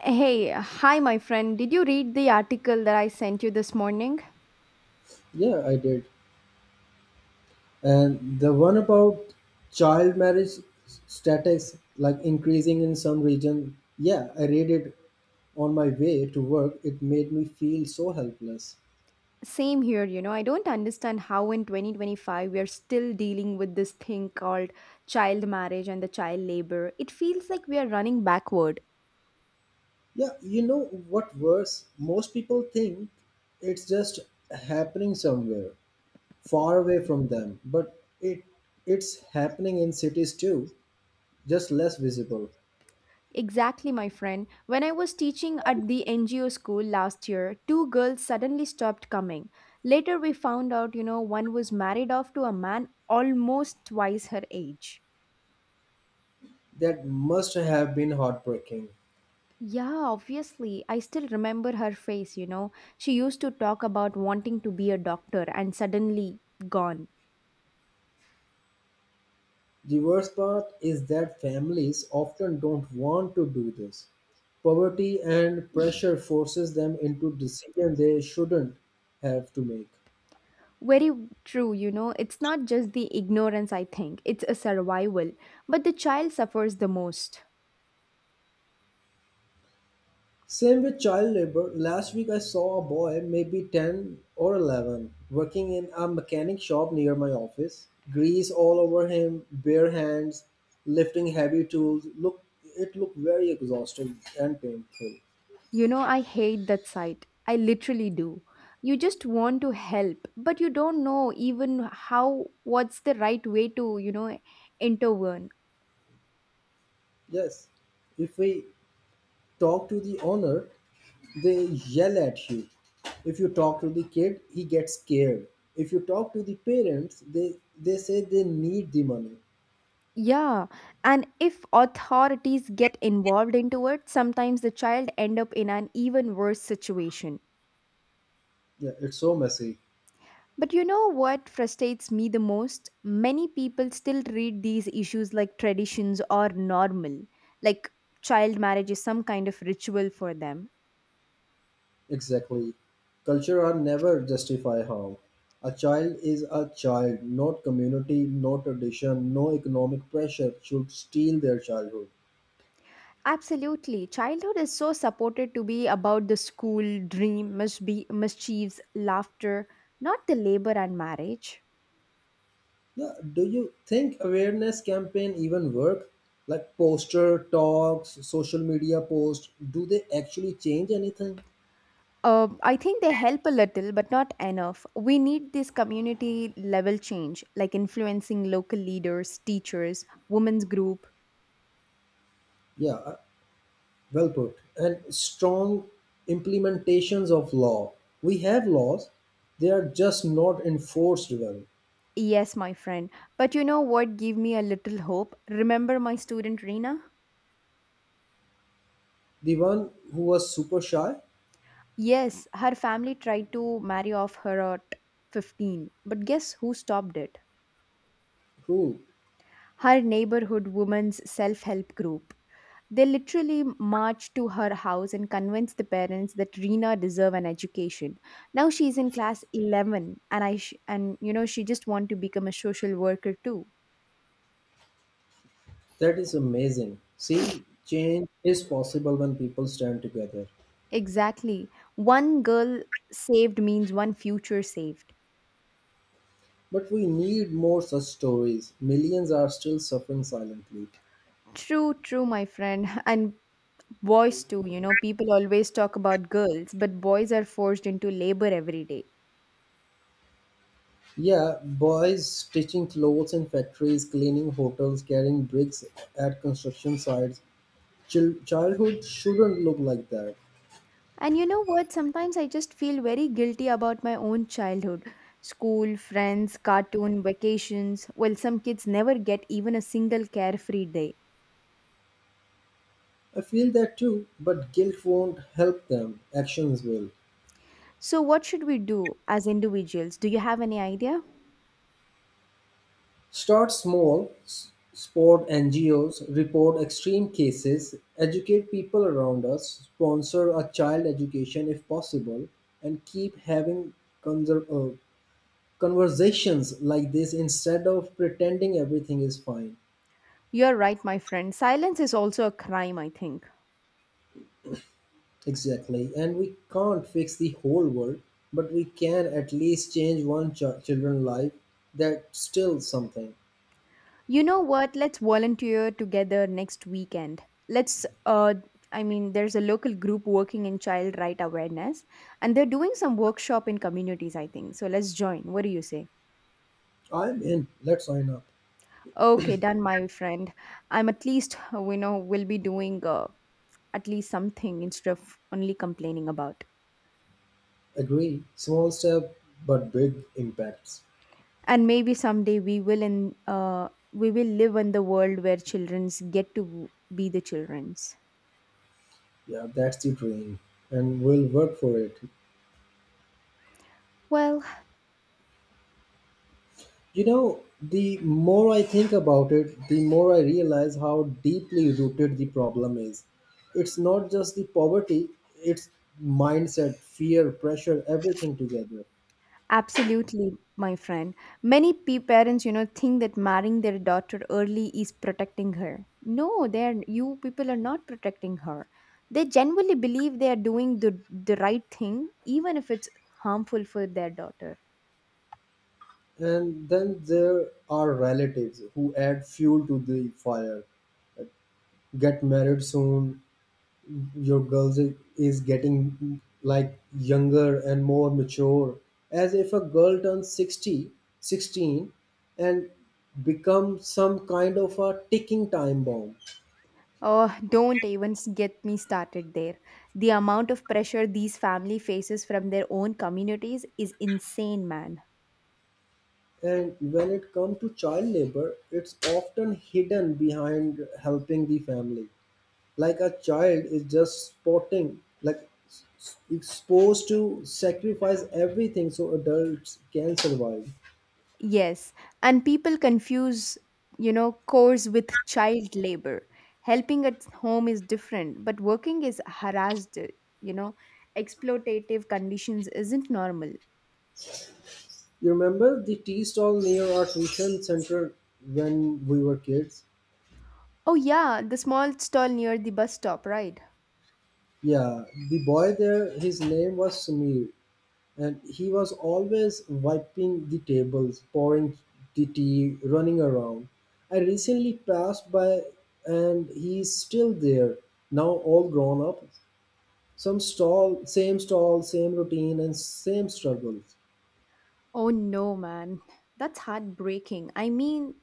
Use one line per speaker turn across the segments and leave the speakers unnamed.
Hey, hi, my friend. Did you read the article that I sent you this morning?
Yeah, I did. And the one about child marriage statistics like increasing in some region. Yeah, I read it on my way to work. It made me feel so helpless.
Same here, you know. I don't understand how in 2025 we are still dealing with this thing called child marriage and the child labor. It feels like we are running backward.
Yeah, you know what worse? Most people think it's just happening somewhere far away from them, but it's happening in cities too, just less visible.
Exactly, my friend. When I was teaching at the NGO school last year, two girls suddenly stopped coming. Later, we found out, you know, one was married off to a man almost twice her age.
That must have been heartbreaking.
Yeah, obviously. I still remember her face, you know. She used to talk about wanting to be a doctor and suddenly gone.
The worst part is that families often don't want to do this. Poverty and pressure forces them into decisions they shouldn't have to make.
Very true, you know. It's not just the ignorance, I think, it's a survival. But the child suffers the most.
Same with child labor. Last week I saw a boy, maybe 10 or 11, working in a mechanic shop near my office. Grease all over him, bare hands, lifting heavy tools. Look, it looked very exhausting and painful.
You know, I hate that sight. I literally do. You just want to help, but you don't know even how, what's the right way to, you know, intervene.
Yes, if we talk to the owner, they yell at you. If you talk to the kid, he gets scared. If you talk to the parents, they say they need the money.
Yeah, and if authorities get involved into it, sometimes the child end up in an even worse situation.
Yeah, it's so messy.
But you know what frustrates me the most? Many people still treat these issues like traditions or normal, like child marriage is some kind of ritual for them.
Exactly. Culture are never justify harm. A child is a child, not community, no tradition, no economic pressure should steal their childhood.
Absolutely. Childhood is so supported to be about the school, dream, mischiefs, laughter, not the labor and marriage.
Yeah, do you think awareness campaign even work? Like poster talks, social media posts, do they actually change anything?
I think they help a little, but not enough. We need this community level change, like influencing local leaders, teachers, women's group.
Yeah, well put. And strong implementations of law. We have laws, they are just not enforced well.
Yes, my friend. But you know what gave me a little hope? Remember my student Reena?
The one who was super shy,
Yes, her family tried to marry off her at 15, but guess who stopped it?
cool.
Her neighborhood women's self help group. They literally marched to her house and convinced the parents that Rena deserved an education. Now she's in class 11 and and you know she just want to become a social worker too.
That is amazing. See, change is possible when people stand together.
Exactly. One girl saved means one future saved.
But we need more such stories. Millions are still suffering silently.
True, true my friend. And boys too, you know, people always talk about girls, but boys are forced into labor every day.
Yeah, boys stitching clothes in factories, cleaning hotels, carrying bricks at construction sites. Childhood shouldn't look like that.
And you know what? Sometimes I just feel very guilty about my own childhood. School, friends, cartoon, vacations. Well, some kids never get even a single carefree day.
I feel that too, but guilt won't help them. Actions will.
So, what should we do as individuals? Do you have any idea?
Start small, support NGOs, report extreme cases, educate people around us, sponsor a child education if possible, and keep having conser- uh, conversations like this instead of pretending everything is fine.
You're right, my friend. Silence is also a crime, I think.
Exactly. And we can't fix the whole world, but we can at least change one children's life. That's still something.
You know what? Let's volunteer together next weekend. Let's, uh, there's a local group working in child right awareness, and they're doing some workshop in communities, I think. So, let's join. What do you say?
I'm in. Let's sign up.
Okay, done, my friend. I'm at least, you know, will be doing at least something instead of only complaining about.
Agree. Small step, but big impacts.
And maybe someday we will live in the world where childrens get to be the childrens.
Yeah, that's the dream. And we'll work for it.
Well,
You know, the more I think about it, the more I realize how deeply rooted the problem is. It's not just the poverty, it's mindset, fear, pressure, everything together.
absolutely, my friend. Parents, you know, think that marrying their daughter early is protecting her. No, they're you people are not protecting her. They genuinely believe they are doing the right thing, even if it's harmful for their daughter.
And then there are relatives who add fuel to the fire. Get married soon. Your girl is getting like younger and more mature. As if a girl turns 60, 16, and becomes some kind of a ticking time bomb.
Oh, don't even s- get me started there. The amount of pressure these family faces from their own communities is insane, man.
And when it comes to child labor, it's often hidden behind helping the family. Like a child is just sporting like exposed to sacrifice everything so adults can survive.
Yes, and people confuse, you know, chores with child labor. Helping at home is different, but working is harassed, you know. Exploitative conditions isn't normal.
You remember the tea stall near our tuition center when we were kids?
Oh yeah, the small stall near the bus stop, right?
Yeah, the boy there, his name was Samir, and he was always wiping the tables, pouring the tea, running around. I recently passed by and he's still there, now all grown up. Some stall, same routine, and same struggles.
Oh no, man. That's heartbreaking. I mean,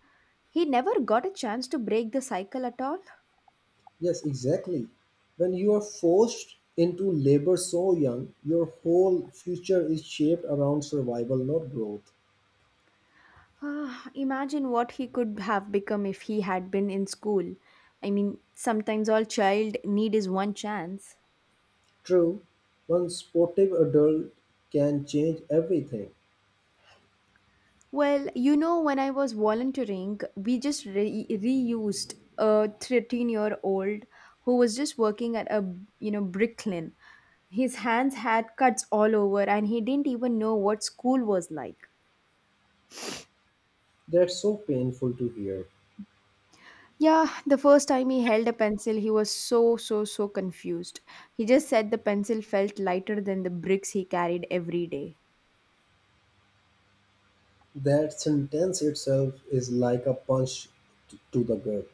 he never got a chance to break the cycle at all.
Yes, exactly. When you are forced into labor so young, your whole future is shaped around survival, not growth.
Ah, imagine what he could have become if he had been in school. I mean, sometimes all child need is one chance.
True, one sportive adult can change everything.
Well, you know, when I was volunteering, reused a 13-year-old who was just working at a, you know, bricklin. His hands had cuts all over and he didn't even know what school was like.
That's so painful to hear.
Yeah, the first time he held a pencil, he was so confused. He just said the pencil felt lighter than the bricks he carried every day.
That sentence itself is like a punch to the gut.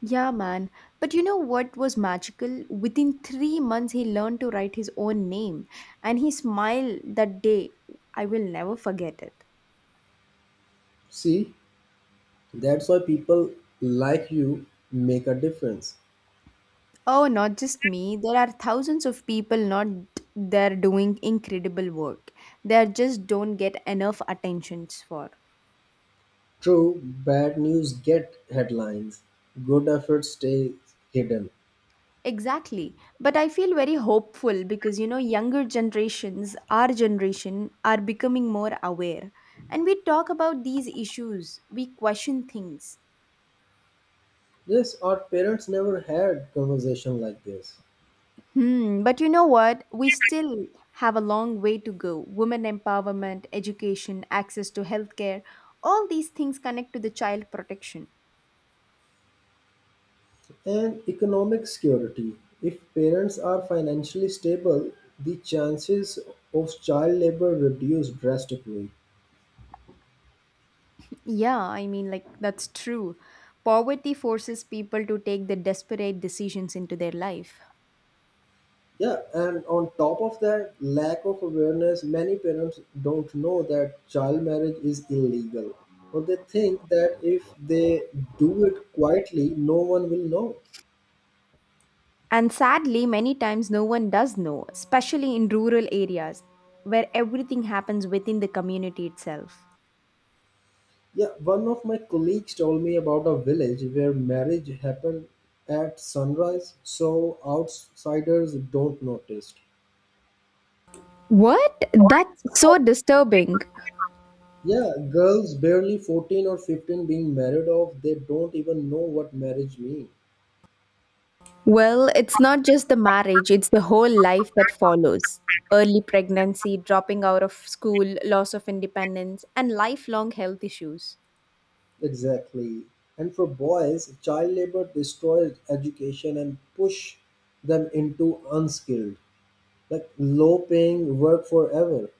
Yeah, man. But you know what was magical? Within 3 months, he learned to write his own name, and he smiled that day. I will never forget it.
See, that's why people like you make a difference.
Oh, not just me. There are thousands of people not there doing incredible work. They are just don't get enough attentions for.
True, bad news get headlines, good efforts stay hidden.
Exactly. But I feel very hopeful because, you know, younger generations, our generation, are becoming more aware. And we talk about these issues, we question things.
Yes, our parents never had conversation like this.
Hmm, but you know what? We still have a long way to go. Women empowerment, education, access to healthcare, all these things connect to the child protection.
And economic security. If parents are financially stable, the chances of child labor reduce drastically.
Yeah, I mean, like, that's true. Poverty forces people to take the desperate decisions into their life.
Yeah, and on top of that, lack of awareness, many parents don't know that child marriage is illegal. Or they think that if they do it quietly, no one will know.
And sadly, many times no one does know, especially in rural areas where everything happens within the community itself.
Yeah, one of my colleagues told me about a village where marriage happened at sunrise so outsiders don't notice.
What? That's so disturbing.
Yeah, girls barely 14 or 15 being married off, they don't even know what marriage means.
Well, it's not just the marriage, it's the whole life that follows. Early pregnancy, dropping out of school, loss of independence, and lifelong health issues.
Exactly. And for boys, child labor destroys education and push them into unskilled, like low paying work forever.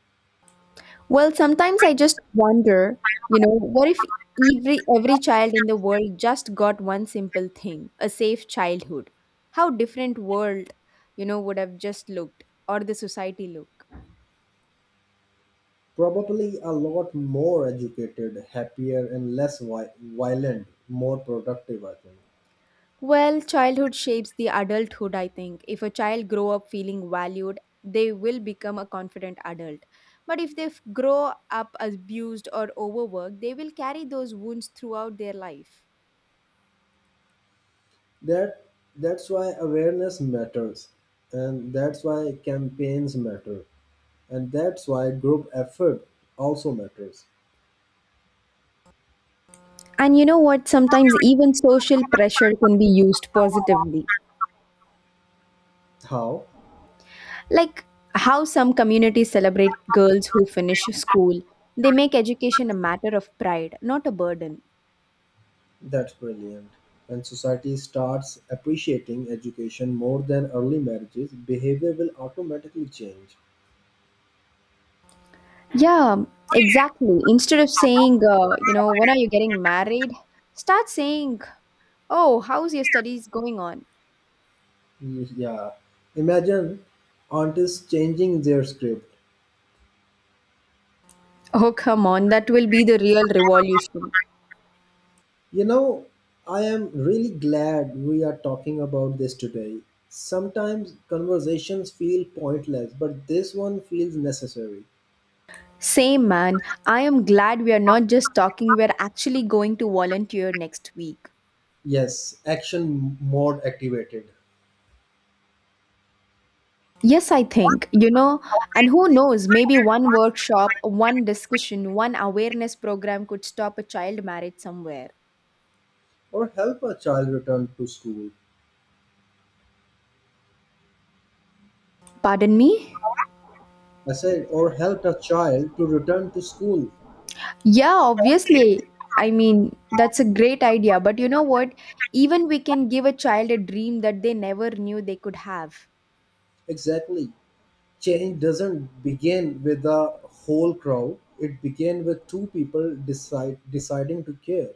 Well, sometimes I just wonder, you know, what if every child in the world just got one simple thing, a safe childhood? How different world, you know, would have just looked or the society look?
Probably a lot more educated, happier, and less violent, more productive, I think.
Well, childhood shapes the adulthood, I think. If a child grow up feeling valued, they will become a confident adult. But if they f- grow up abused or overworked, they will carry those wounds throughout their life.
That that's why awareness matters, and that's why campaigns matter, and that's why group effort also matters.
And you know what? Sometimes even social pressure can be used positively.
How?
Like how some communities celebrate girls who finish school, they make education a matter of pride, not a burden.
That's brilliant. When society starts appreciating education more than early marriages, behavior will automatically change.
Yeah, exactly. Instead of saying, you know, when are you getting married, start saying, oh, how's your studies going on?
Yeah. Imagine artists changing their script.
Oh, come on, that will be the real revolution.
You know, I am really glad we are talking about this today. Sometimes conversations feel pointless, but this one feels necessary.
Same man, I am glad we are not just talking, we're actually going to volunteer next week.
Yes, action mode activated.
Yes, I think, you know, and who knows, maybe one workshop, one discussion, one awareness program could stop a child marriage somewhere.
Or help a child return to school.
Pardon me?
I said, or help a child to return to school.
Yeah, obviously. I mean, that's a great idea, but you know what? Even we can give a child a dream that they never knew they could have.
Exactly. Change doesn't begin with a whole crowd, it begins with two people deciding to care.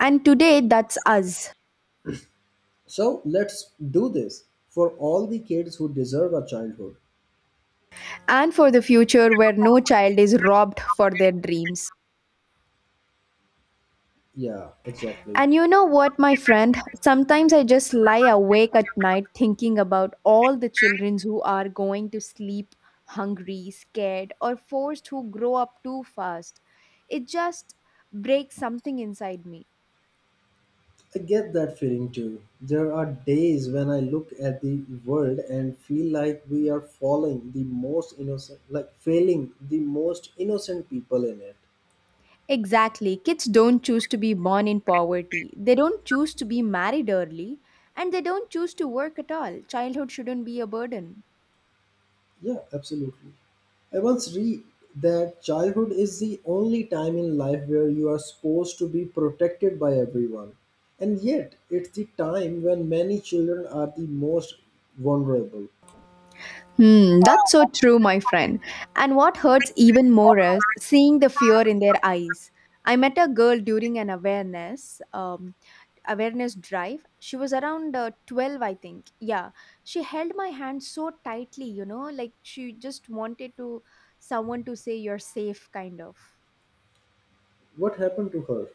And today, that's us.
So let's do this for all the kids who deserve a childhood.
And for the future, where no child is robbed for their dreams.
Yeah, exactly.
And you know what, my friend? Sometimes I just lie awake at night thinking about all the children who are going to sleep hungry, scared, or forced who grow up too fast. It just breaks something inside me.
I get that feeling too. There are days when I look at the world and feel like we are falling the most innocent, like failing the most innocent people in it.
Exactly. Kids don't choose to be born in poverty. They don't choose to be married early, and they don't choose to work at all. Childhood shouldn't be a burden.
Yeah, absolutely. I once read that childhood is the only time in life where you are supposed to be protected by everyone. And yet, it's the time when many children are the most vulnerable.
Hmm, that's so true, my friend. And what hurts even more is seeing the fear in their eyes. I met a girl during an awareness drive. She was around 12, I think. Yeah, she held my hand so tightly, you know, like she just wanted to someone to say you're safe, kind of.
What happened to her?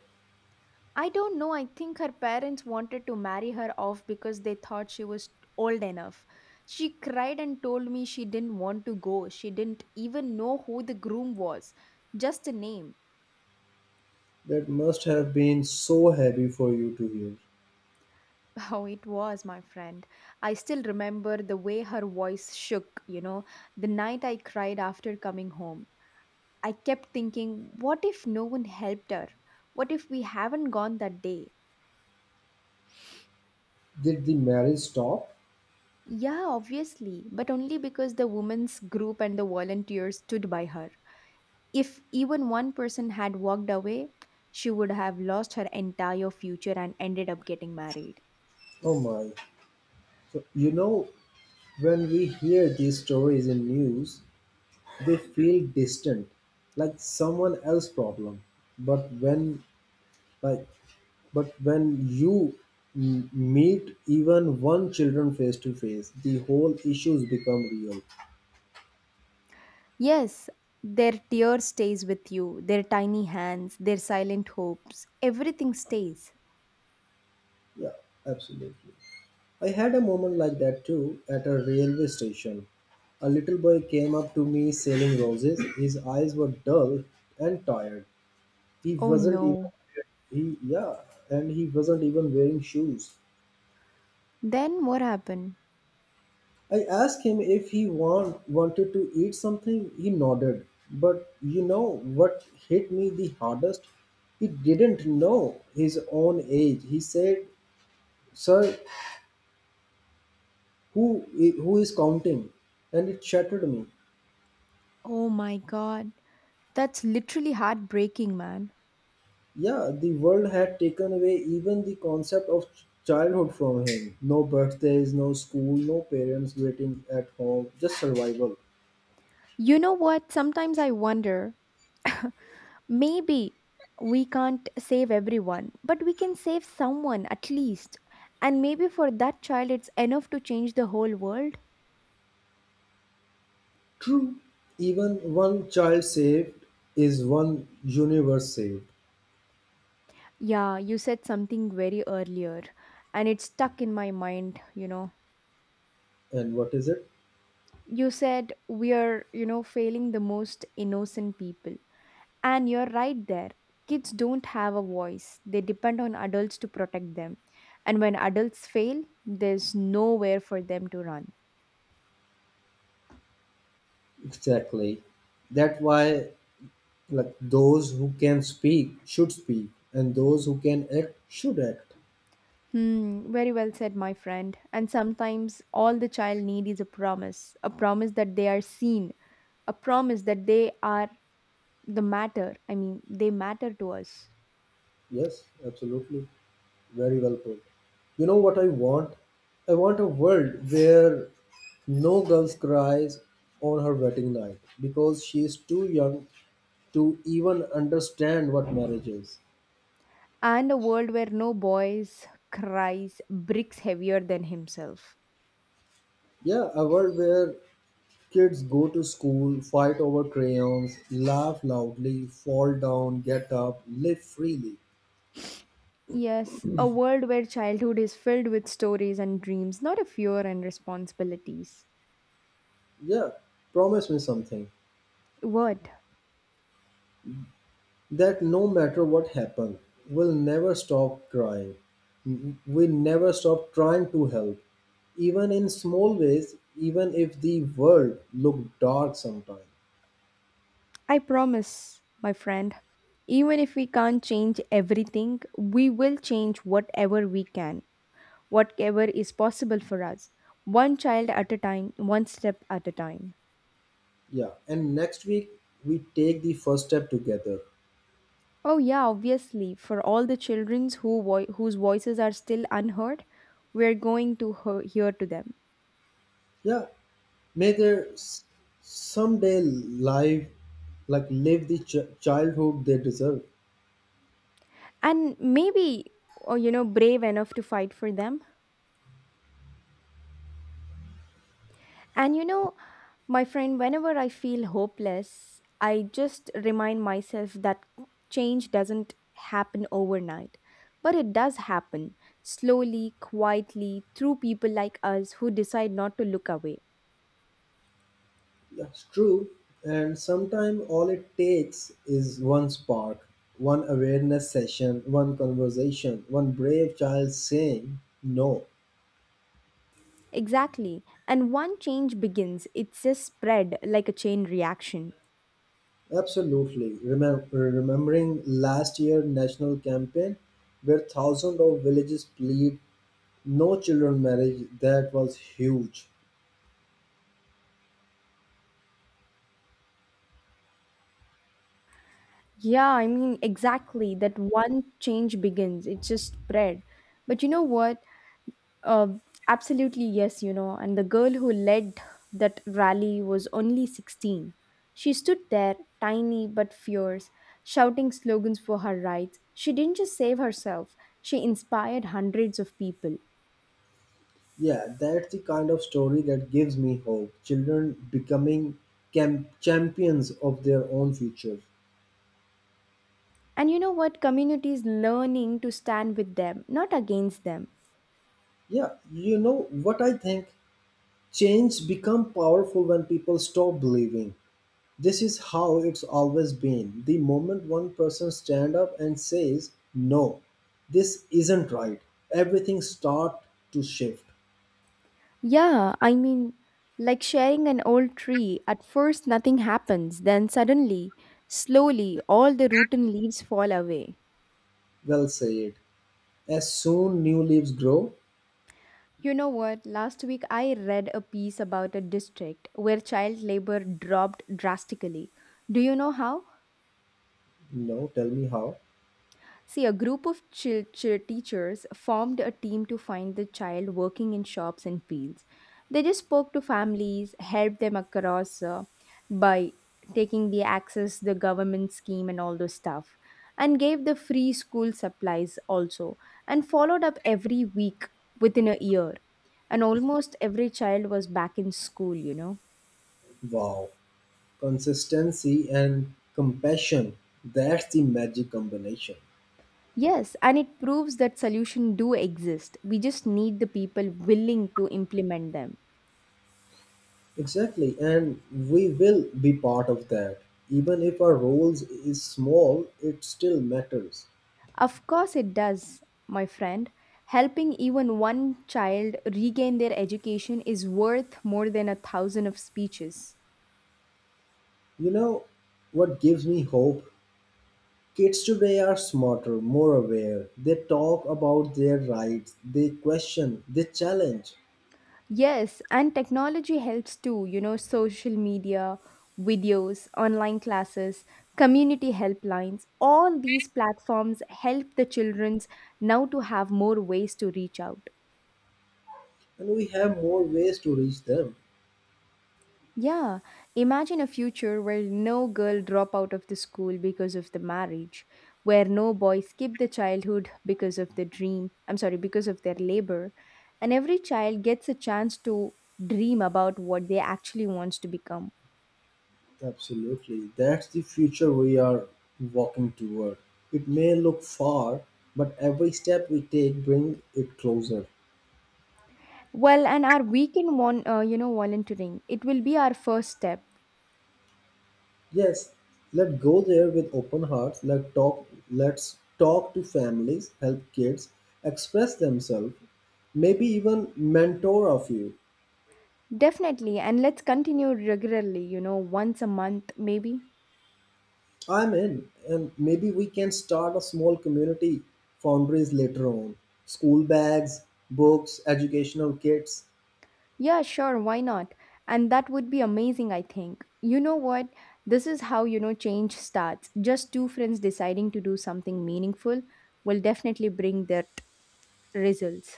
I don't know. I think her parents wanted to marry her off because they thought she was old enough. She cried and told me she didn't want to go. She didn't even know who the groom was, just a name.
That must have been so heavy for you to hear.
How it was, my friend. I still remember the way her voice shook, you know, the night I cried after coming home. I kept thinking, what if no one helped her? What if we haven't gone that day?
Did the marriage stop?
Yeah, obviously, but only because the women's group and the volunteers stood by her. If even one person had walked away, she would have lost her entire future and ended up getting married.
Oh my. So, you know, when we hear these stories in news, they feel distant, like someone else's problem. But when like but when you meet even one children face to face, the whole issues become real.
Yes, their tear stays with you, their tiny hands, their silent hopes, everything stays.
Yeah, absolutely. I had a moment like that too at a railway station. A little boy came up to me selling roses, his eyes were dull and tired. he
Oh
wasn't
no.
even he yeah and he wasn't even wearing shoes.
Then what happened?
I asked him if he wanted to eat something. He nodded. But you know what hit me the hardest? He didn't know his own age. He said, "Sir, who is counting?" And it shattered me.
Oh my god. That's literally heartbreaking, man.
Yeah, the world had taken away even the concept of childhood from him. No birthdays, no school, no parents waiting at home, just survival.
You know what? Sometimes I wonder maybe we can't save everyone, but we can save someone at least. And maybe for that child, it's enough to change the whole world.
True, even one child saved is one universe saved.
Yeah, you said something very earlier, and it stuck in my mind, you know.
And what is it?
You said we are, you know, failing the most innocent people. And you're right there. Kids don't have a voice, they depend on adults to protect them. And when adults fail, there's nowhere for them to run.
Exactly. That why like those who can speak should speak, and those who can act should act.
Hmm, very well said, my friend. And sometimes all the child need is a promise that they are seen, a promise that they are the matter. I mean, they matter to us.
Yes, absolutely, very well put. You know what I want? I want a world where no girl cries on her wedding night because she is too young to even understand what marriage is.
And a world where no boys cries bricks heavier than himself.
Yeah, a world where kids go to school, fight over crayons, laugh loudly, fall down, get up, live freely.
Yes, a world where childhood is filled with stories and dreams, not a fear and responsibilities.
Yeah, promise me something,
What?
that no matter what happened, we'll never stop crying. We never stop trying to help, even in small ways, even if the world look dark sometime.
I promise, my friend. Even if we can't change everything, we will change whatever we can, whatever is possible for us. One child at a time, one step at a time.
Yeah, and next week we take the first step together.
Oh, yeah, obviously, for all the children whose voices are still unheard, we're going to hear to them.
Yeah, may they someday live the childhood they deserve.
And maybe, oh, you know, brave enough to fight for them. And you know, my friend, whenever I feel hopeless, I just remind myself that change doesn't happen overnight. But it does happen slowly, quietly, through people like us who decide not to look away.
That's true. And sometimes all it takes is one spark, one awareness session, one conversation, one brave child saying no.
Exactly. And one change begins, it's just spread like a chain reaction.
Absolutely. Remembering last year national campaign where thousands of villages plead no children marriage, that was huge.
Yeah, I mean, exactly. That one change begins, it just spread. But you know what? Uh, Absolutely, yes, you know. And the girl who led that rally was only 16. She stood there, tiny but fierce, shouting slogans for her rights. She didn't just save herself, she inspired hundreds of people.
Yeah, that's the kind of story that gives me hope. Children becoming champions of their own future.
And you know what? Communities learning to stand with them, not against them.
Yeah, you know what I think? Change become powerful when people stop believing this is how it's always been. The moment one person stand up and says, "No, this isn't right," everything start to shift.
Yeah, I mean, like sharing an old tree, at first nothing happens, then suddenly, slowly, all the rotten leaves fall away.
Well said. As soon new leaves grow,
You know what? Last week I read a piece about a district where child labor dropped drastically. Do you know how?
no, tell me how.
See, a group of chi- ch teachers formed a team to find the child working in shops and fields. They just spoke to families, helped them across by taking the access, the government scheme, and all those stuff, and gave the free school supplies also, and followed up every week within a year. And almost every child was back in school, you know.
Wow. Consistency and compassion, that's the magic combination.
Yes, and it proves that solutions do exist. We just need the people willing to implement them.
Exactly, and we will be part of that, even if our roles is small, it still matters.
Of course, it does, my friend. Helping even one child regain their education is worth more than a thousand of speeches.
You know what gives me hope? Kids today are smarter, more aware, they talk about their rights, they question, they challenge.
Yes, and technology helps too, you know, social media, videos, online classes, community helplines, all these platforms help the children's now to have more ways to reach out.
And we have more ways to reach them.
Yeah, imagine a future where no girl drop out of the school because of the marriage, where no boy skip the childhood because of the dream, I'm sorry, because of their labor, and every child gets a chance to dream about what they actually wants to become.
Absolutely. That's the future we are walking toward. It may look far, but every step we take bring it closer.
Well, and our weekend one, you know, volunteering, it will be our first step.
Yes, let go there with open hearts. Let's talk to families, help kids express themselves, maybe even mentor a few.
Definitely, and let's continue regularly, you know, once a month maybe.
I'm in, and maybe we can start a small community foundries later on. School bags, books, educational kits.
Yeah, sure, why not? And that would be amazing, I think. You know what? This is how, you know, change starts. Just two friends deciding to do something meaningful will definitely bring that results.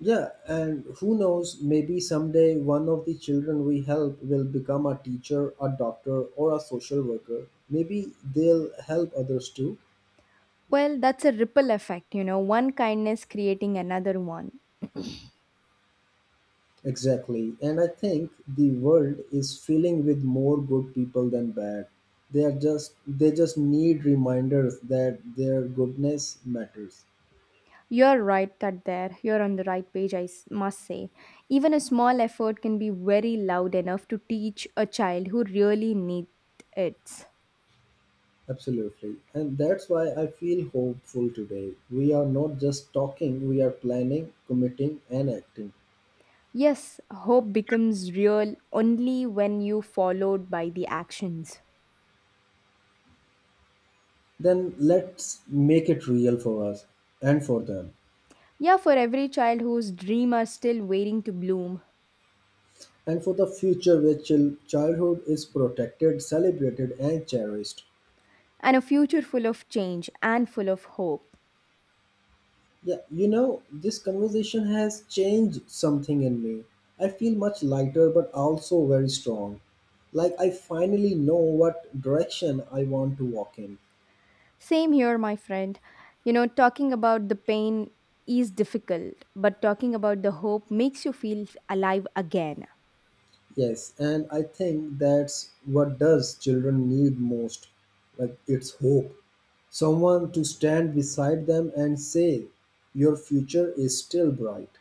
Yeah, and who knows, maybe someday one of the children we help will become a teacher, a doctor, or a social worker. Maybe they'll help others too.
Well, that's a ripple effect, you know, one kindness creating another one.
Exactly. And I think the world is filling with more good people than bad. They just need reminders that their goodness matters.
You're right that there. You're on the right page, must say. Even a small effort can be very loud enough to teach a child who really needs it.
Absolutely. And that's why I feel hopeful today. We are not just talking, we are planning, committing, and acting.
Yes, hope becomes real only when you followed by the actions.
Then let's make it real for us and for them,
Yeah, for every child whose dream are still waiting to bloom
and for the future where childhood is protected, celebrated, and cherished.
and a future full of change and full of hope.
Yeah, you know this conversation has changed something in me. I feel much lighter but also very strong, like I finally know what direction I want to walk in.
Same here, my friend. You know, talking about the pain is difficult, but talking about the hope makes you feel alive again.
Yes, and I think that's what does children need most. Like it's hope. Someone to stand beside them and say, "Your future is still bright."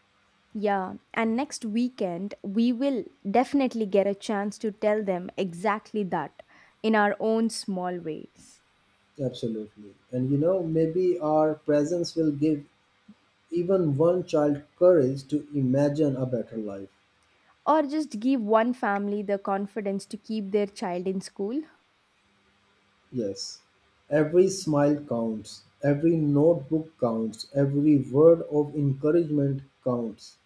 Yeah, and next weekend we will definitely get a chance to tell them exactly that in our own small ways.
Absolutely. And you know, maybe our presence will give even one child courage to imagine a better life.
Or just give one family the confidence to keep their child in school?
Yes. Every smile counts, every notebook counts, every word of encouragement counts.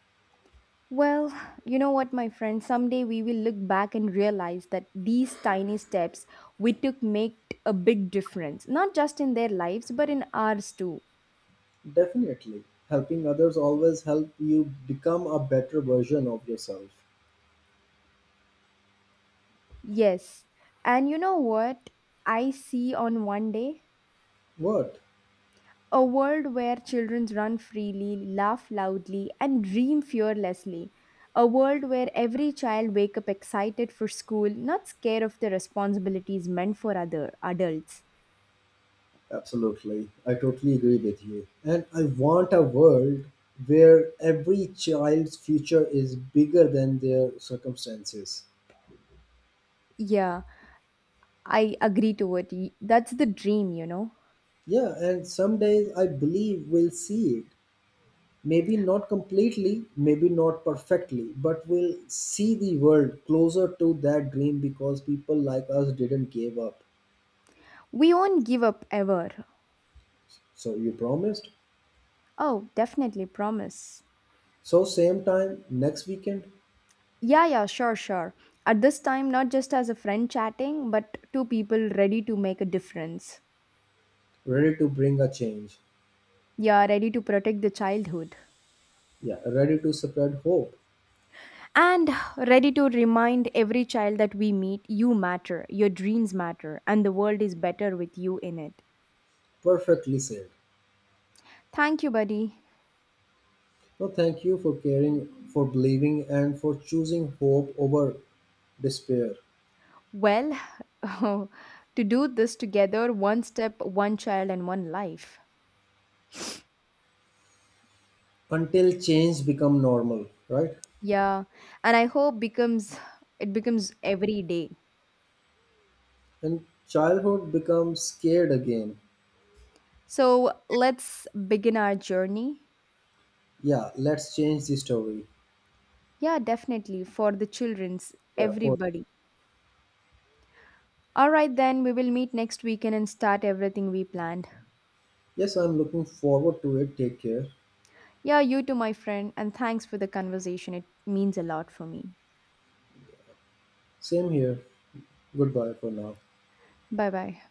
Well, you know what, my friend, someday we will look back and realize that these tiny steps we took make a big difference, not just in their lives, but in ours too.
Definitely. Helping others always help you become a better version of yourself.
Yes. And you know what I see on one day?
What?
A world where children run freely, laugh loudly, and dream fearlessly. A world where every child wake up excited for school, not scared of the responsibilities meant for other adults.
Absolutely. I totally agree with you. And I want a world where every child's future is bigger than their circumstances.
Yeah, I agree to it. That's the dream, you know.
Yeah, and some days I believe we'll see it. Maybe not completely, maybe not perfectly, but we'll see the world closer to that dream because people like us didn't give up.
We won't give up ever.
So you promised?
Oh, definitely promise.
So same time next weekend,
Yeah, yeah, sure, sure. At this time, not just as a friend chatting, but two people ready to make a difference.
ready to bring a change.
Yeah, ready to protect the childhood.
Yeah, ready to spread hope.
And ready to remind every child that we meet you matter, your dreams matter, and the world is better with you in it.
Perfectly said.
Thank you, buddy.
No, thank you for caring, for believing, and for choosing hope over despair.
Well, to do this together, one step, one child, and one life.
Until change become normal, right?
Yeah, and I hope becomes it becomes every day.
And childhood becomes scared again.
So let's begin our journey.
Yeah, let's change the story.
Yeah, definitely for the children's
Yeah, for
everybody. All right, then we will meet next weekend and start everything we planned.
yes, I'm looking forward to it. Take care.
Yeah, you too, my friend, and thanks for the conversation. It means a lot for me.
Same here. Goodbye for now.
Bye bye.